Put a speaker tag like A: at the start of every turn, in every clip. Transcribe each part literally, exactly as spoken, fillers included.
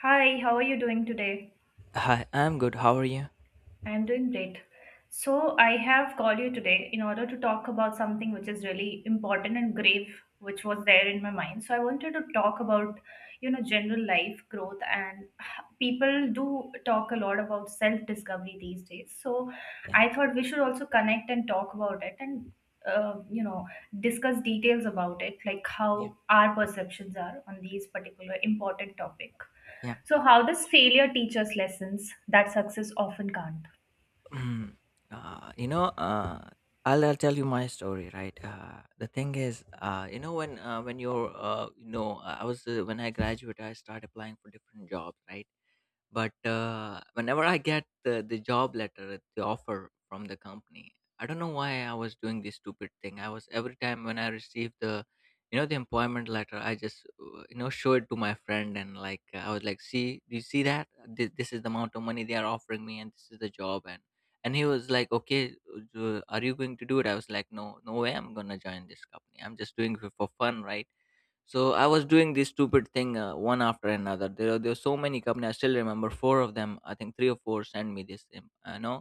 A: Hi, how are you doing today?
B: Hi, I'm good. How are you?
A: I'm doing great. So, I have called you today in order to talk about something which is really important and grave, which was there in my mind. So, I wanted to talk about, you know, general life growth and people do talk a lot about self discovery these days. So,
B: Yeah,
A: I thought we should also connect and talk about it and, uh, you know, discuss details about it, like
B: yeah,
A: how our perceptions are on these particular important topic.
B: yeah.
A: So, how does failure teach us lessons that success often can't?
B: Mm, uh, you know, uh, I'll, I'll tell you my story, right? Uh, the thing is, uh, you know, when uh, when you're, uh, you know, uh, I was uh, when I graduated, I started applying for different jobs, right? But uh, whenever I get the, the job letter, the offer from the company, I don't know why I was doing this stupid thing. I was every time when I received the, you know, the employment letter, I just, uh, you know, show it to my friend and like uh, I was like, see, do you see that? This, this is the amount of money they are offering me, and this is the job. And and he was like, okay, uh, are you going to do it? I was like, no, no way, I'm gonna join this company. I'm just doing it for fun, right? So I was doing this stupid thing uh, one after another. There are there are so many companies. I still remember four of them. I think three or four sent me this, um, I know,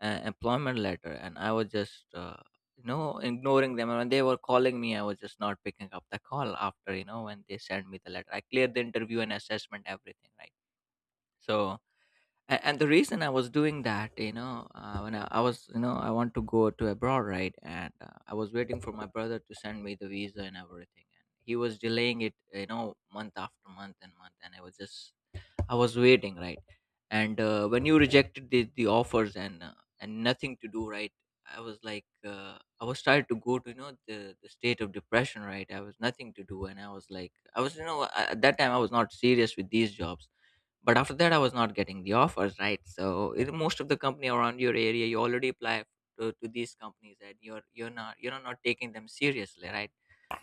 B: uh, employment letter, and I was just uh, you know ignoring them. And when they were calling me, I was just not picking up the call after you know when they sent me the letter. I cleared the interview and assessment, everything, right? So, and, and the reason I was doing that, you know uh, when I, I was, you know I want to go to abroad, right. And uh, I was waiting for my brother to send me the visa and everything, and he was delaying it, you know month after month and month, and i was just i was waiting, right. And uh, when you rejected the, the offers, and uh, and nothing to do, right. I was like, uh, I was started to go to, you know the, the state of depression, right. I was nothing to do, and I was like I was you know I, at that time I was not serious with these jobs. But after that I was not getting the offers, right. So it, most of the company around your area, you already apply to, to these companies, and you're you're not you're not taking them seriously, right.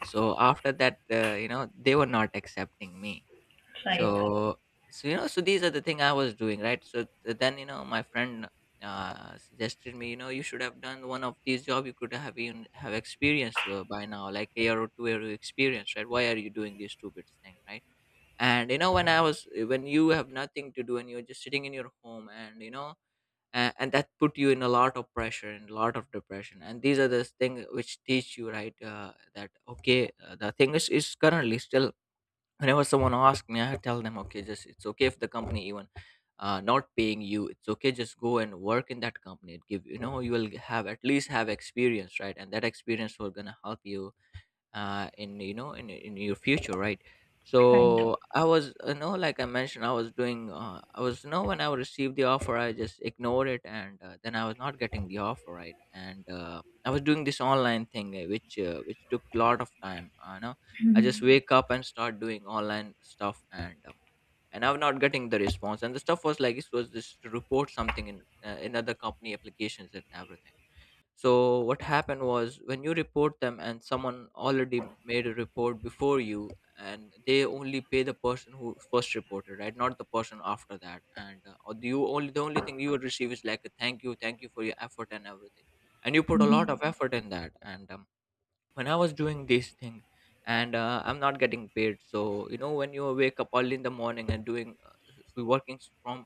B: So after that, uh, you know they were not accepting me.
A: Right. Right.
B: So, so you know so these are the thing I was doing, right. So th- then, you know my friend uh, suggested me, you know you should have done one of these job. You could have even have experience uh, by now, like a year or two year experience, right. Why are you doing this stupid thing, right? And you know when i was eh, when you have nothing to do, and you're just sitting in your home, and you know and, and that put you in a lot of pressure and a lot of depression, and these are the things which teach you, right. Uh, that okay, uh, the thing is is currently still, whenever someone asks me, I tell them, okay, just it's okay if the company even uh, not paying you, it's okay, just go and work in that company. It give, you know you will have at least have experience, right. And that experience will gonna help you uh, in, you know in in your future, right?
A: try to
B: So I was, uh, you know like I mentioned, I was doing, uh, I was you know when I received the offer, I just ignored it, and uh, then I was not getting the offer, right? And uh, I was doing this online thing, uh, which uh, which took a lot of time. Uh, You know, I just
A: Mhm.
B: wake up and start doing online stuff, and um, and I'm not getting the response. And the stuff was, like, it was just to report something in, uh, in other company applications and everything. So what happened was, when you report them and someone already made a report before you, and they only pay the person who first reported, right? Not the person after that. And uh, or the- you only the only thing you would receive is, like, a thank you, thank you for your effort and everything. And you put a lot of
A: mhm,
B: effort in that. And um, when I was doing this thing, and uh, I'm not getting paid. So, you know when you wake up early in the morning and doing, uh, s- working s- from,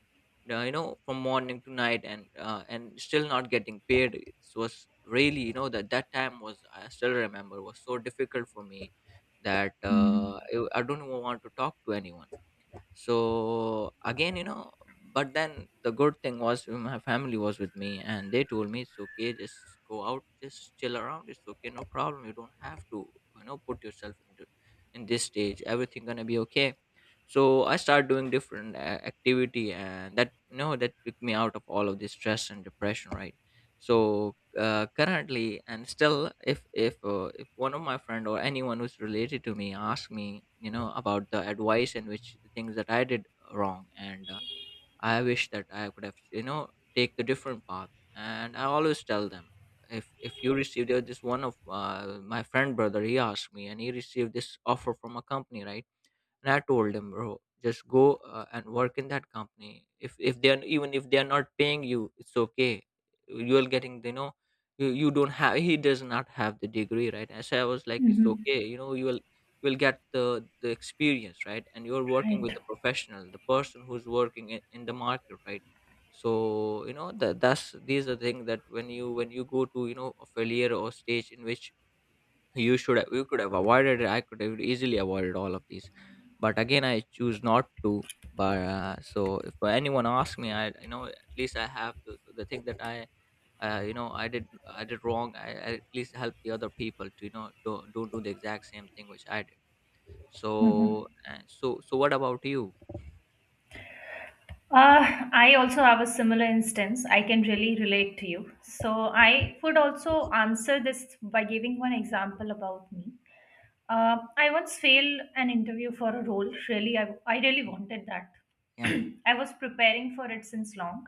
B: uh, you know from morning to night, and uh, and still not getting paid, it was really, you know that that time was, I still remember, was so difficult for me, that
A: mhm,
B: uh, i I don't even want to talk to anyone. So again, you know but then the good thing was my family was with me, and they told me, it's okay, just go out, just chill around, it's okay, no problem, you don't have to, you know put yourself into, in this stage, everything gonna be okay. So I started doing different, uh, activity, and that you know that took me out of all of this stress and depression, right. So uh, currently and still, if if uh, if one of my friend or anyone who's related to me asks me, you know about the advice and which the things that I did wrong, and uh, I wish that I could have, you know take the different path. And I always tell them, if if you receive... there was this one of uh, my friend brother, he asked me, and he received this offer from a company, right. And I told him, bro, just go, uh, and work in that company. If if they are, even if they are not paying you, it's okay. You are getting, you know, you, you don't have. He does not have the degree, right? And so I was like, it's
A: mhm,
B: okay. You know, you will you will get the the experience, right? And you're working
A: Right.
B: with
A: to
B: the professional, the person who's working in, in the market, right? So, you know that that's these are things that when you when you go to, you know a failure or stage in which you should you could have avoided it. I could have easily avoided all of these, but again I choose not to. But uh, so if anyone asks me, I you know at least I have the, the thing that I uh, you know I did, i did wrong. I, I At least help the other people to, you know don't, don't do the exact same thing which I did.
A: mhm.
B: So, uh, so so what about you?
A: Uh, I also have a similar instance. I can really relate to you. So, I would also answer this by giving one example about me. Uh, I once failed an interview for a role. Really, I, I really wanted that.
B: Yeah,
A: I was preparing for it since long.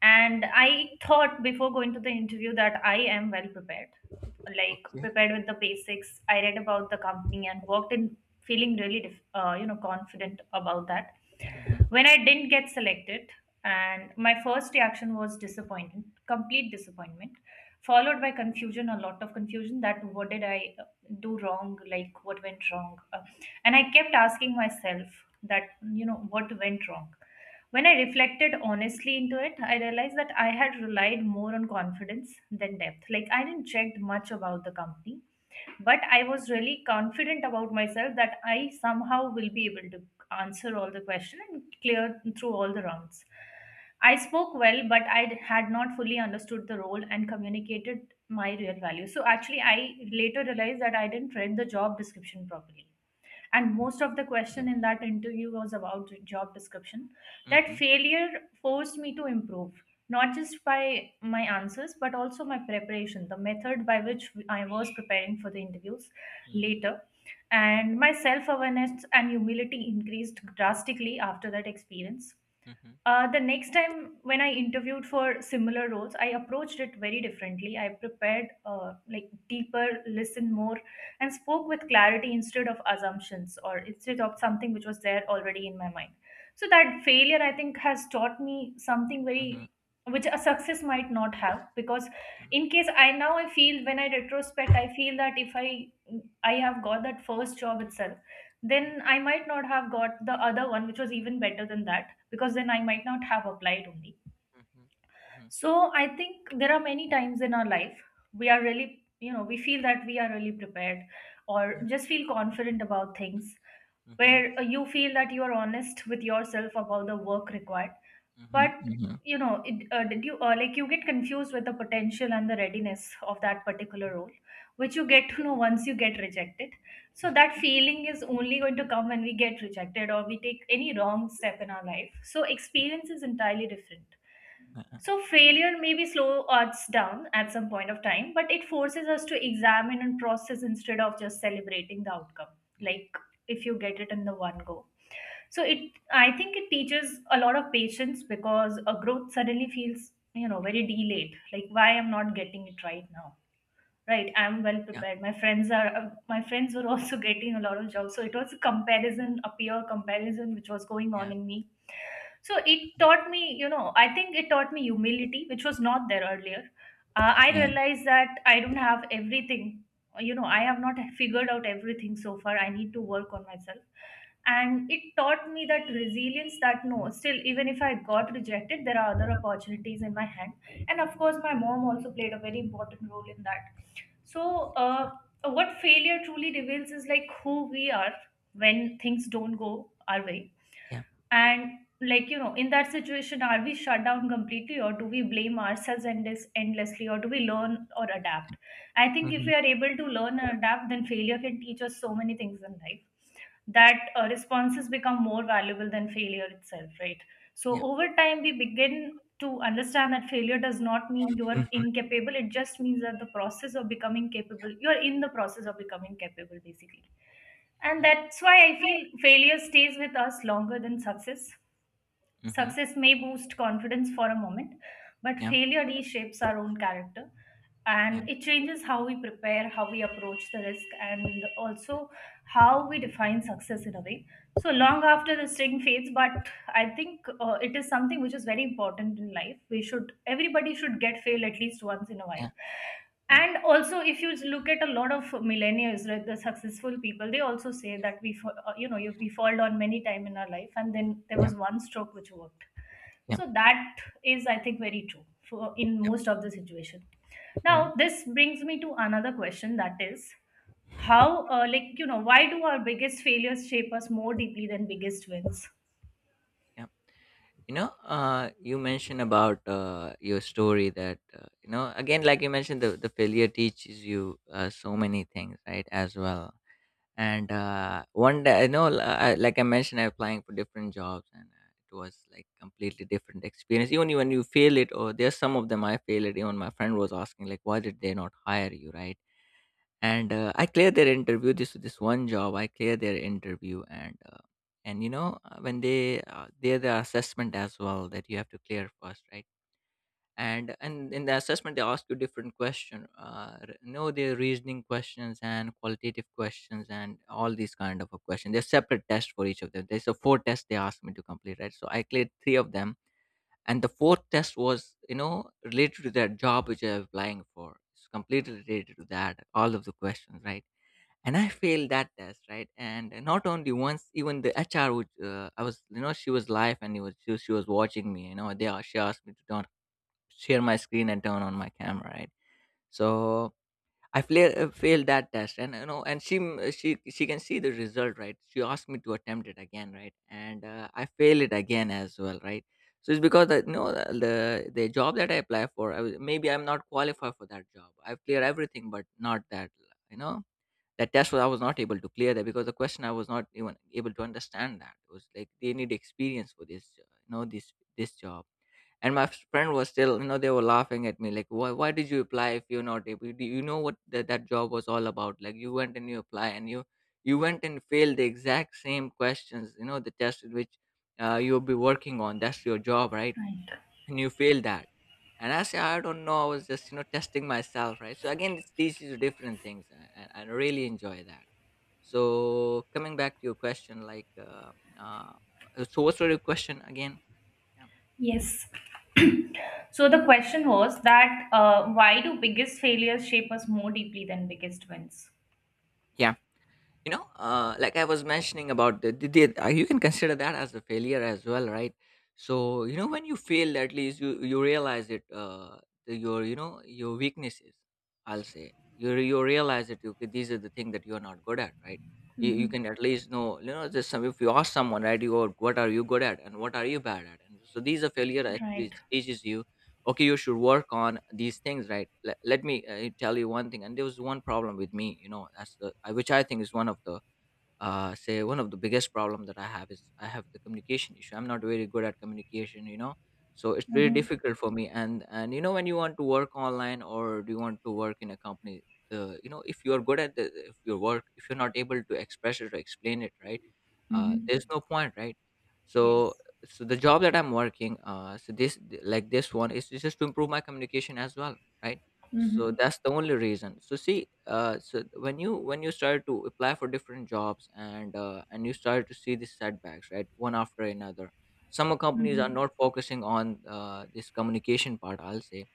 A: And I thought before going to the interview that I am well prepared, like
B: okay.
A: prepared with the basics. I read about the company and worked in feeling really, dif- uh, you know, confident about that.
B: Mm-hmm.
A: When I didn't get selected, and my first reaction was disappointment, complete disappointment, followed by confusion, a lot of confusion that what did I do wrong, like what went wrong. Uh, and I kept asking myself that, you know, what went wrong. When I reflected honestly into it, I realized that I had relied more on confidence than depth, like I didn't check much about the company, but I was really confident about myself that I somehow will be able to answer all the question and clear through all the rounds. I spoke well but I had not fully understood the role and communicated my real value. So actually I later realized that I didn't read the job description properly, and most of the
B: Yeah.
A: question in that interview was about job description. That
B: Mm-hmm.
A: failure forced me to improve, not just by my answers but also my preparation, the method by which I was preparing for the interviews
B: Mm-hmm.
A: later, and
B: Mm-hmm.
A: my self awareness and humility increased drastically after that experience.
B: Mm-hmm.
A: Uh, the next time when I interviewed for similar roles, I approached it very differently. I prepared uh, like deeper, listened more, and spoke with clarity instead of assumptions, or instead of something which was there already in my mind. So that failure, I think, has taught me something
B: Mm-hmm.
A: very which a success might not have, because
B: Yeah.
A: in case I now, I feel, when I retrospect, I feel that if I I have got that first job itself,
B: Mm-hmm.
A: then I might not have got the other one which was even better than that, because then I might not have applied only.
B: Mm-hmm. Mm-hmm.
A: So I think there are many times in our life we are really, you know, we feel that we are really prepared or
B: Yeah.
A: just feel confident about things
B: Mm-hmm.
A: where uh, you feel that you are honest with yourself about the work required, but
B: Mhm, mhm.
A: you know it, uh, did you uh, like you get confused with the potential and the readiness of that particular role, which you get to know once you get rejected. So that feeling is only going to come when we get rejected or we take any wrong step in our life, so experience is entirely different.
B: Uh-uh,
A: So failure maybe slow us down at some point of time, but it forces us to examine and process instead of just celebrating the outcome.
B: yeah,
A: Like if you get it in the one go, so it, I think it teaches a lot of patience, because a growth suddenly feels, you know, very delayed, like why I'm not getting it right now. Right, I'm well
B: yeah,
A: prepared, my friends are uh, my friends were also getting a lot of jobs. So it was a comparison, a peer comparison which was going on
B: yeah,
A: in me. So it taught me, you know, I think it taught me humility, which was not there earlier. Uh, I
B: yeah,
A: realized that I don't have everything. You know, I have not figured out everything so far. I need to work on myself. And it taught me that resilience, that no, still, even if I got rejected, there are other opportunities in my hand. And of course, my mom also played a very important role in that. So, uh, what failure truly reveals is like who we are when things don't go our way.
B: yeah.
A: And like, you know, in that situation, are we shut down completely, or do we blame ourselves endless, endlessly, or do we learn or adapt? I think if
B: Mhm,
A: we are able to learn and adapt, then failure can teach us so many things in life, that uh, responses become more valuable than failure itself, right?
B: yeah,
A: So over time, we begin to understand that failure does not mean you are
B: mhm,
A: incapable. It just means that the process of becoming capable, you're in the process of becoming capable, basically. And
B: yeah,
A: that's why I feel failure stays with us longer than success.
B: mhm,
A: Success may boost confidence for a moment, but
B: yeah,
A: failure reshapes our own character,
B: yeah,
A: and it changes how we prepare, how we approach the risk, and also how we define success in a way. So long after the sting fades, but I think uh, it is something which is very important in life. We should, everybody should get fail at least once in a while.
B: yeah, yeah,
A: And also, if you look at a lot of millennials, right, the successful people, they also say that we, fa- uh, you know, you- we fall down many time in our life, and then there
B: yeah,
A: was one stroke which worked.
B: yeah,
A: So that is, I think, very true for in most of the situation.
B: yeah.
A: Now, this brings me to another question, that is, how, uh, like, you know, why do our biggest failures shape us more deeply than biggest wins?
B: Yeah. You know uh you mentioned about uh your story that, uh, you know again, like you mentioned, the, the failure teaches you, uh, so many things, right, as well. And uh one day, I know l- I- like I mentioned, I'm applying for different jobs, and uh, it was like completely different experience, even when you fail it, or there's some of them I failed it. Even my friend was asking, like, why did they not hire you, right. And uh, I cleared their interview. This this one job I cleared their interview, and uh, and you know uh, when they, uh, there the assessment as well that you have to clear first, right. And and in the assessment they ask you different question, uh r- you know their reasoning questions and qualitative questions, and all these kind of a question. There's separate tests for each of them. There's a four tests they asked me to complete, right. So I cleared three of them, and the fourth test was, you know related to that job which I'm applying for. It's completely related to that, all of the questions, right. And I failed that test, right. And not only once, even the HR would, uh, I was you know she was live, and it was she, she was watching me. You know they a- she asked me to turn, share my screen and turn on my camera, right. So i fla- uh, failed that test. And, you know and she m- she she can see the result, right. She asked me to attempt it again, right. And uh, I failed it again as well, right. So it's because that, you know the the the job that I apply for, I, was- maybe I'm not qualified for that job. I've cleared everything but not that, you know that test was, I was not able to clear that, because the question I was not even able to understand that. It was like they need experience for this, uh, you know this this job. And my friend was still You know, they were laughing at me like, why, why did you apply if you're not able. Do you know what that that job was all about? Like, you went and you apply, and you you went and failed the exact same questions, you know, the test which uh, you'll be working on, that's your job, right?
A: Right.
B: And you fail that. And I say I don't know, I was just, you know, testing myself, right? So again it's, these are different things, and I, I really enjoy that. So coming back to your question, like uh, uh so what's your question again? Yeah.
A: Yes. So the question was that uh, why do biggest failures shape us more deeply than biggest wins?
B: Yeah. You know, uh, like I was mentioning about the, the, the uh, you can consider that as a failure as well, right? So you know, when you fail, at least you you realize it. uh, the- your you know your weaknesses, I'll say. You you realize it. Okay, these are the things that you're not good at, right. You, you
A: Mm-hmm.
B: can at least know, you know, just some. If you ask someone, right, you go, what are you good at and what are you bad at? And so these are failure actually
A: Right.
B: teaches you. Okay, you should work on these things, right. Let, let me uh, tell you one thing. And there was one problem with me, you know, that's the I- which I think is one of the uh say one of the biggest problem that I have is I have the communication issue. I'm not very good at communication, you know. So it's very
A: Mm-hmm.
B: difficult for me. And and you know, when you want to work online or do you want to work in a company, the, you know, if you're good at the, if your work, if you're not able to express it or explain it, right, uh,
A: Mm-hmm.
B: there's no point, right. so
A: Yes.
B: so the job that I'm working, uh so this, like this one is just to improve my communication as well, right. So
A: Mm-hmm.
B: that's the only reason. So see, uh so when you, when you start to apply for different jobs, and uh, and you start to see these setbacks, right, one after another. Some companies are
A: Mm-hmm.
B: not focusing on uh, this communication part, I'll say.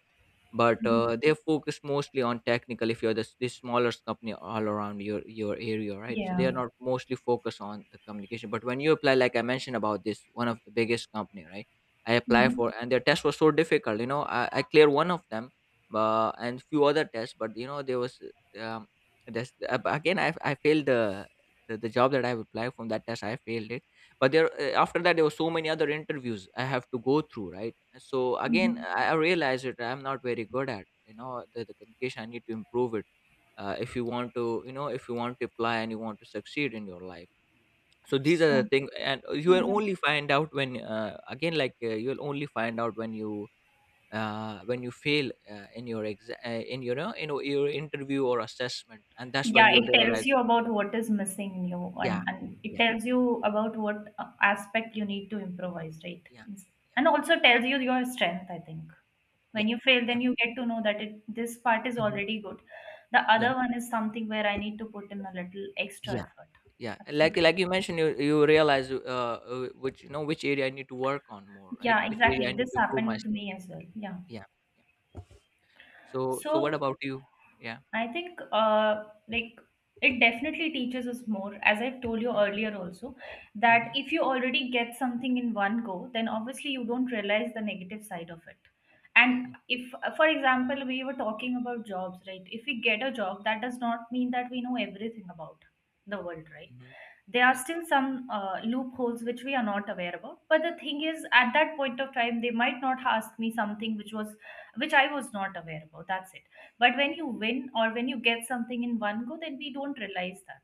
B: But
A: Mm-hmm.
B: uh, they focus mostly on technical. If you're this, this smaller company all around your your area, right, so
A: Yeah.
B: they are not mostly focused on the communication. But when you apply, like I mentioned about this one of the biggest company, right. I apply
A: Mm-hmm.
B: for, and their test was so difficult, you know. I, I clear one of them, uh, and few other tests, but you know, there was um, this, uh, again, I, I failed the, the the job that I've applied. From that test, I failed it. But there, uh, after that, there were so many other interviews I have to go through, right. So again,
A: Mm-hmm.
B: i I realized it. I'm not very good at, you know, the, the communication. I need to improve it. Uh, if you want to, you know, if you want to apply and you want to succeed in your life. So these
A: So.
B: are the things, and you will
A: Mhm.
B: only find out when uh, again, like uh, you will only find out when you uh, when you fail uh, in your exa- uh, in your uh, you know, your interview or assessment, and that's
A: Yeah,
B: when you'll
A: it tells
B: realize.
A: you about what is missing in you, and,
B: Yeah.
A: and it
B: Yeah.
A: tells you about what uh, aspect you need to improvise, right?
B: Yeah.
A: It's-
B: Yeah.
A: and also tells you your strength, I think.
B: Yeah.
A: When you fail,
B: Yeah.
A: then you get to know that it this part is
B: Mhm.
A: already good. The
B: Yeah.
A: other one is something where I need to put in a little extra
B: Yeah.
A: effort.
B: Yeah. And like,
A: Absolutely.
B: like you mentioned, you you realize uh uh, which, you know, which area I need to work on more, right,
A: Yeah,
B: which area
A: exactly.
B: I need
A: This
B: to improve
A: happened with
B: myself.
A: me as well. Yeah.
B: Yeah. Yeah. So, so what
A: So
B: about you? Yeah.
A: I think uh, like it definitely teaches us more, as I've told you
B: Mm-hmm.
A: earlier also, that
B: Mm-hmm.
A: if you already get something in one go, then obviously you don't realize the negative side of it. And if, for example, we were talking about jobs, right? If we get a job, that does not mean that we know everything about the world, right?
B: Mm-hmm.
A: There are
B: Yeah.
A: still some uh, loopholes which we are not aware about. But the thing is, at that point of time, they might not ask me something which was, which I was not aware about. That's it. But when you win, or when you get something in one go, then we don't realize that.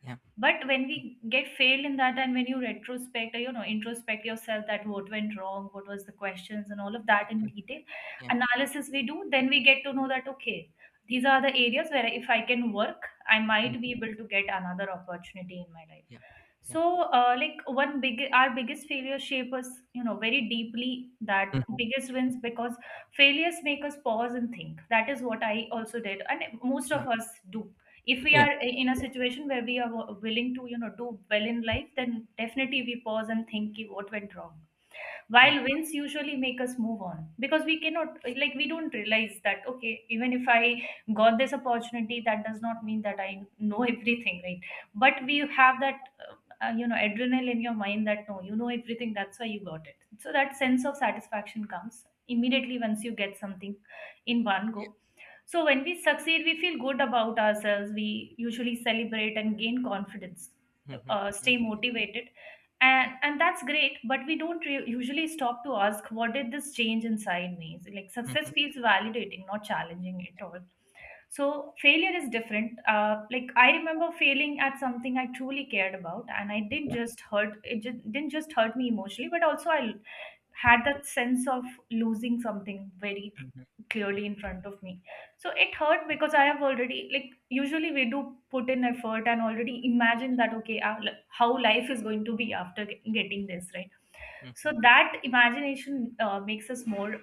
B: Yeah.
A: But when we get failed in that, and when you retrospect, or you know, introspect yourself, that what went wrong, what was the questions and all of that in
B: Mm.
A: detail
B: Yeah.
A: analysis we do, then we get to know that okay, these are the areas where if I can work I might
B: Mhm.
A: be able to get another opportunity in my life.
B: Yeah. Yeah.
A: So uh, like one big, our biggest failure shape us, you know, very deeply that
B: Mhm.
A: biggest wins, because failures make us pause and think. That is what I also did, and most
B: Yeah.
A: of us do, if we
B: Yeah.
A: are in a situation where we are willing to, you know, do well in life, then definitely we pause and think, "Ki, what went wrong,"
B: Yeah.
A: while wins usually make us move on, because we cannot, like we don't realize that okay, even if I got this opportunity that does not mean that I know everything, right? But we have that uh, uh, you know, adrenaline in your mind that no, you know everything, that's why you got it. So that sense of satisfaction comes immediately once you get something in one
B: Yeah.
A: go. So when we succeed we feel good about ourselves, we usually celebrate and gain confidence,
B: Mhm.
A: uh, stay
B: Mhm.
A: motivated, and and that's great, but we don't re- usually stop to ask, what did this change inside me? So, like success
B: Mhm.
A: feels validating, not challenging at all. So failure is different. Uh, like I remember failing at something I truly cared about, and I didn't just hurt, it just, didn't just hurt me emotionally, but also I had that sense of losing something very
B: Mhm.
A: clearly in front of me. So it hurt because I have already, like, usually we do put in effort and already imagine that, okay, uh, li- how life is going to be after ge- getting this, right? So
B: Mhm.
A: that imagination uh, makes us more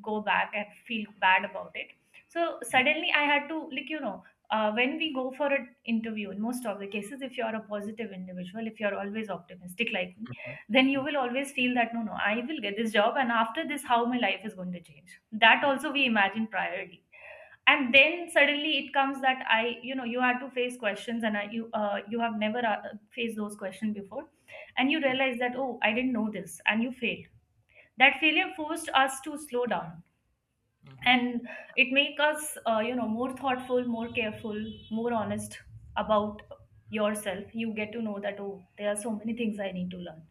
A: go back and feel bad about it. So
B: Mhm.
A: suddenly I had to, like, you know, uh, when we go for an interview, in most of the cases, if you are a positive individual, if you are always optimistic, like,
B: Mhm.
A: then you
B: Yeah.
A: will always feel that, no no I will get this job, and after this how my life is going to change, that
B: Yeah.
A: also we imagine priorly. And then suddenly it comes that I you know you had to face questions and I, you uh, you have never uh, faced those questions before, and you realize that, oh, I didn't know this, and you failed. That failure forced us to slow down,
B: Mhm.
A: and it make us, uh, you know more thoughtful, more careful, more honest about yourself. You get to know that, oh, there are so many things I need to learn.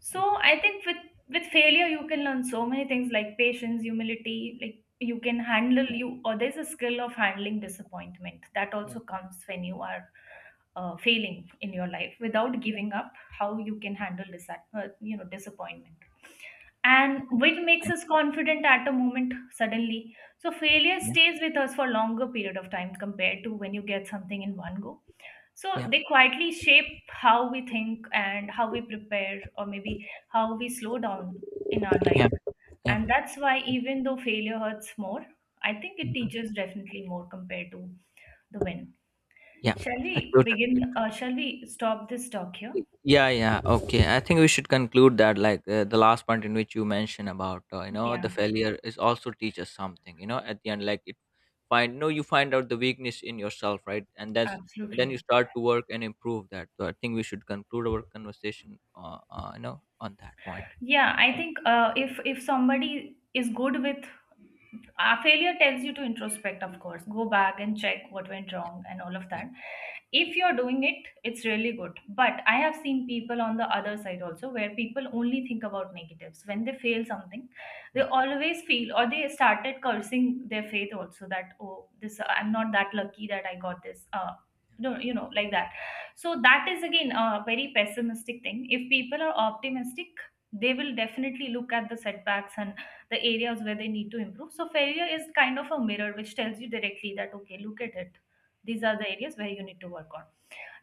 A: So I think with with failure you can learn so many things, like patience, humility. Like, you can handle you, or there's a skill of handling disappointment that
B: Yeah.
A: also comes when you are uh, failing in your life without giving up, how you can handle this, uh, you know disappointment, and which makes
B: Yeah.
A: us confident at a moment suddenly. So failure
B: Yeah.
A: stays with us for longer period of time compared to when you get something in one go. So
B: Yeah.
A: they quietly shape how we think and how we prepare, or maybe how we slow down in our life.
B: Yeah. Yeah.
A: And that's why,
B: Yeah.
A: even though failure hurts more, I think it
B: Mhm.
A: teaches definitely more compared to the win.
B: Yeah.
A: Shall
B: I
A: we
B: totally.
A: begin? Uh, shall we stop this talk here?
B: Yeah. Yeah. Okay, I think we should conclude that, like uh, the last point in which you mentioned about, uh, you know,
A: Yeah,
B: the failure is also teach us something, you know, at the end, like it, find no you find out the weakness in yourself, right. And that's and then you
A: absolutely.
B: start to work and improve that. So I think we should conclude our conversation, uh, uh, you know, on that point.
A: Yeah, I
B: Thank-
A: think uh, if if somebody is good with uh, failure tells you to introspect, of course, go back and check what went
B: yeah.
A: wrong and all of
B: Yeah.
A: that.
B: Yeah.
A: If you're doing it, it's really good. But I have seen people on the other side also, where people only think about negatives. When they fail something, they
B: Yeah.
A: always feel, or they started cursing their faith also, that, oh, this, I'm not that lucky that I got this. Uh, no, you know, like that. So that is again a very pessimistic thing. If people are optimistic, they will definitely look at the setbacks and the areas where they need to improve. So failure is kind of a mirror which tells you directly that, okay, look at it. These
B: Yeah.
A: are the areas where you need to work on.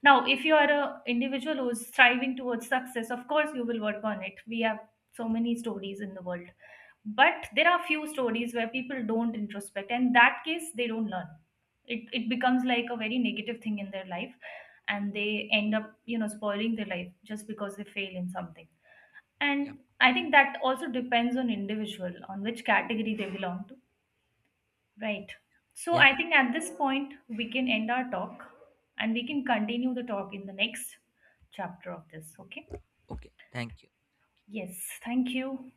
B: Yeah.
A: Now, if you are a individual who is striving towards success, of course you will work on it. We have so many stories in the world. But there are few stories where people don't introspect, and in that case they don't learn. It it becomes like a very negative thing in their life, and they end up, you know, spoiling their life just because they fail in something.
B: Yeah.
A: And I think that also depends on individual, on which category they belong to. Right. So
B: Yeah,
A: I think at this point, we can end our talk, and we can continue the talk in the next chapter of this. Okay.
B: okay, thank you.
A: Yes. Thank you.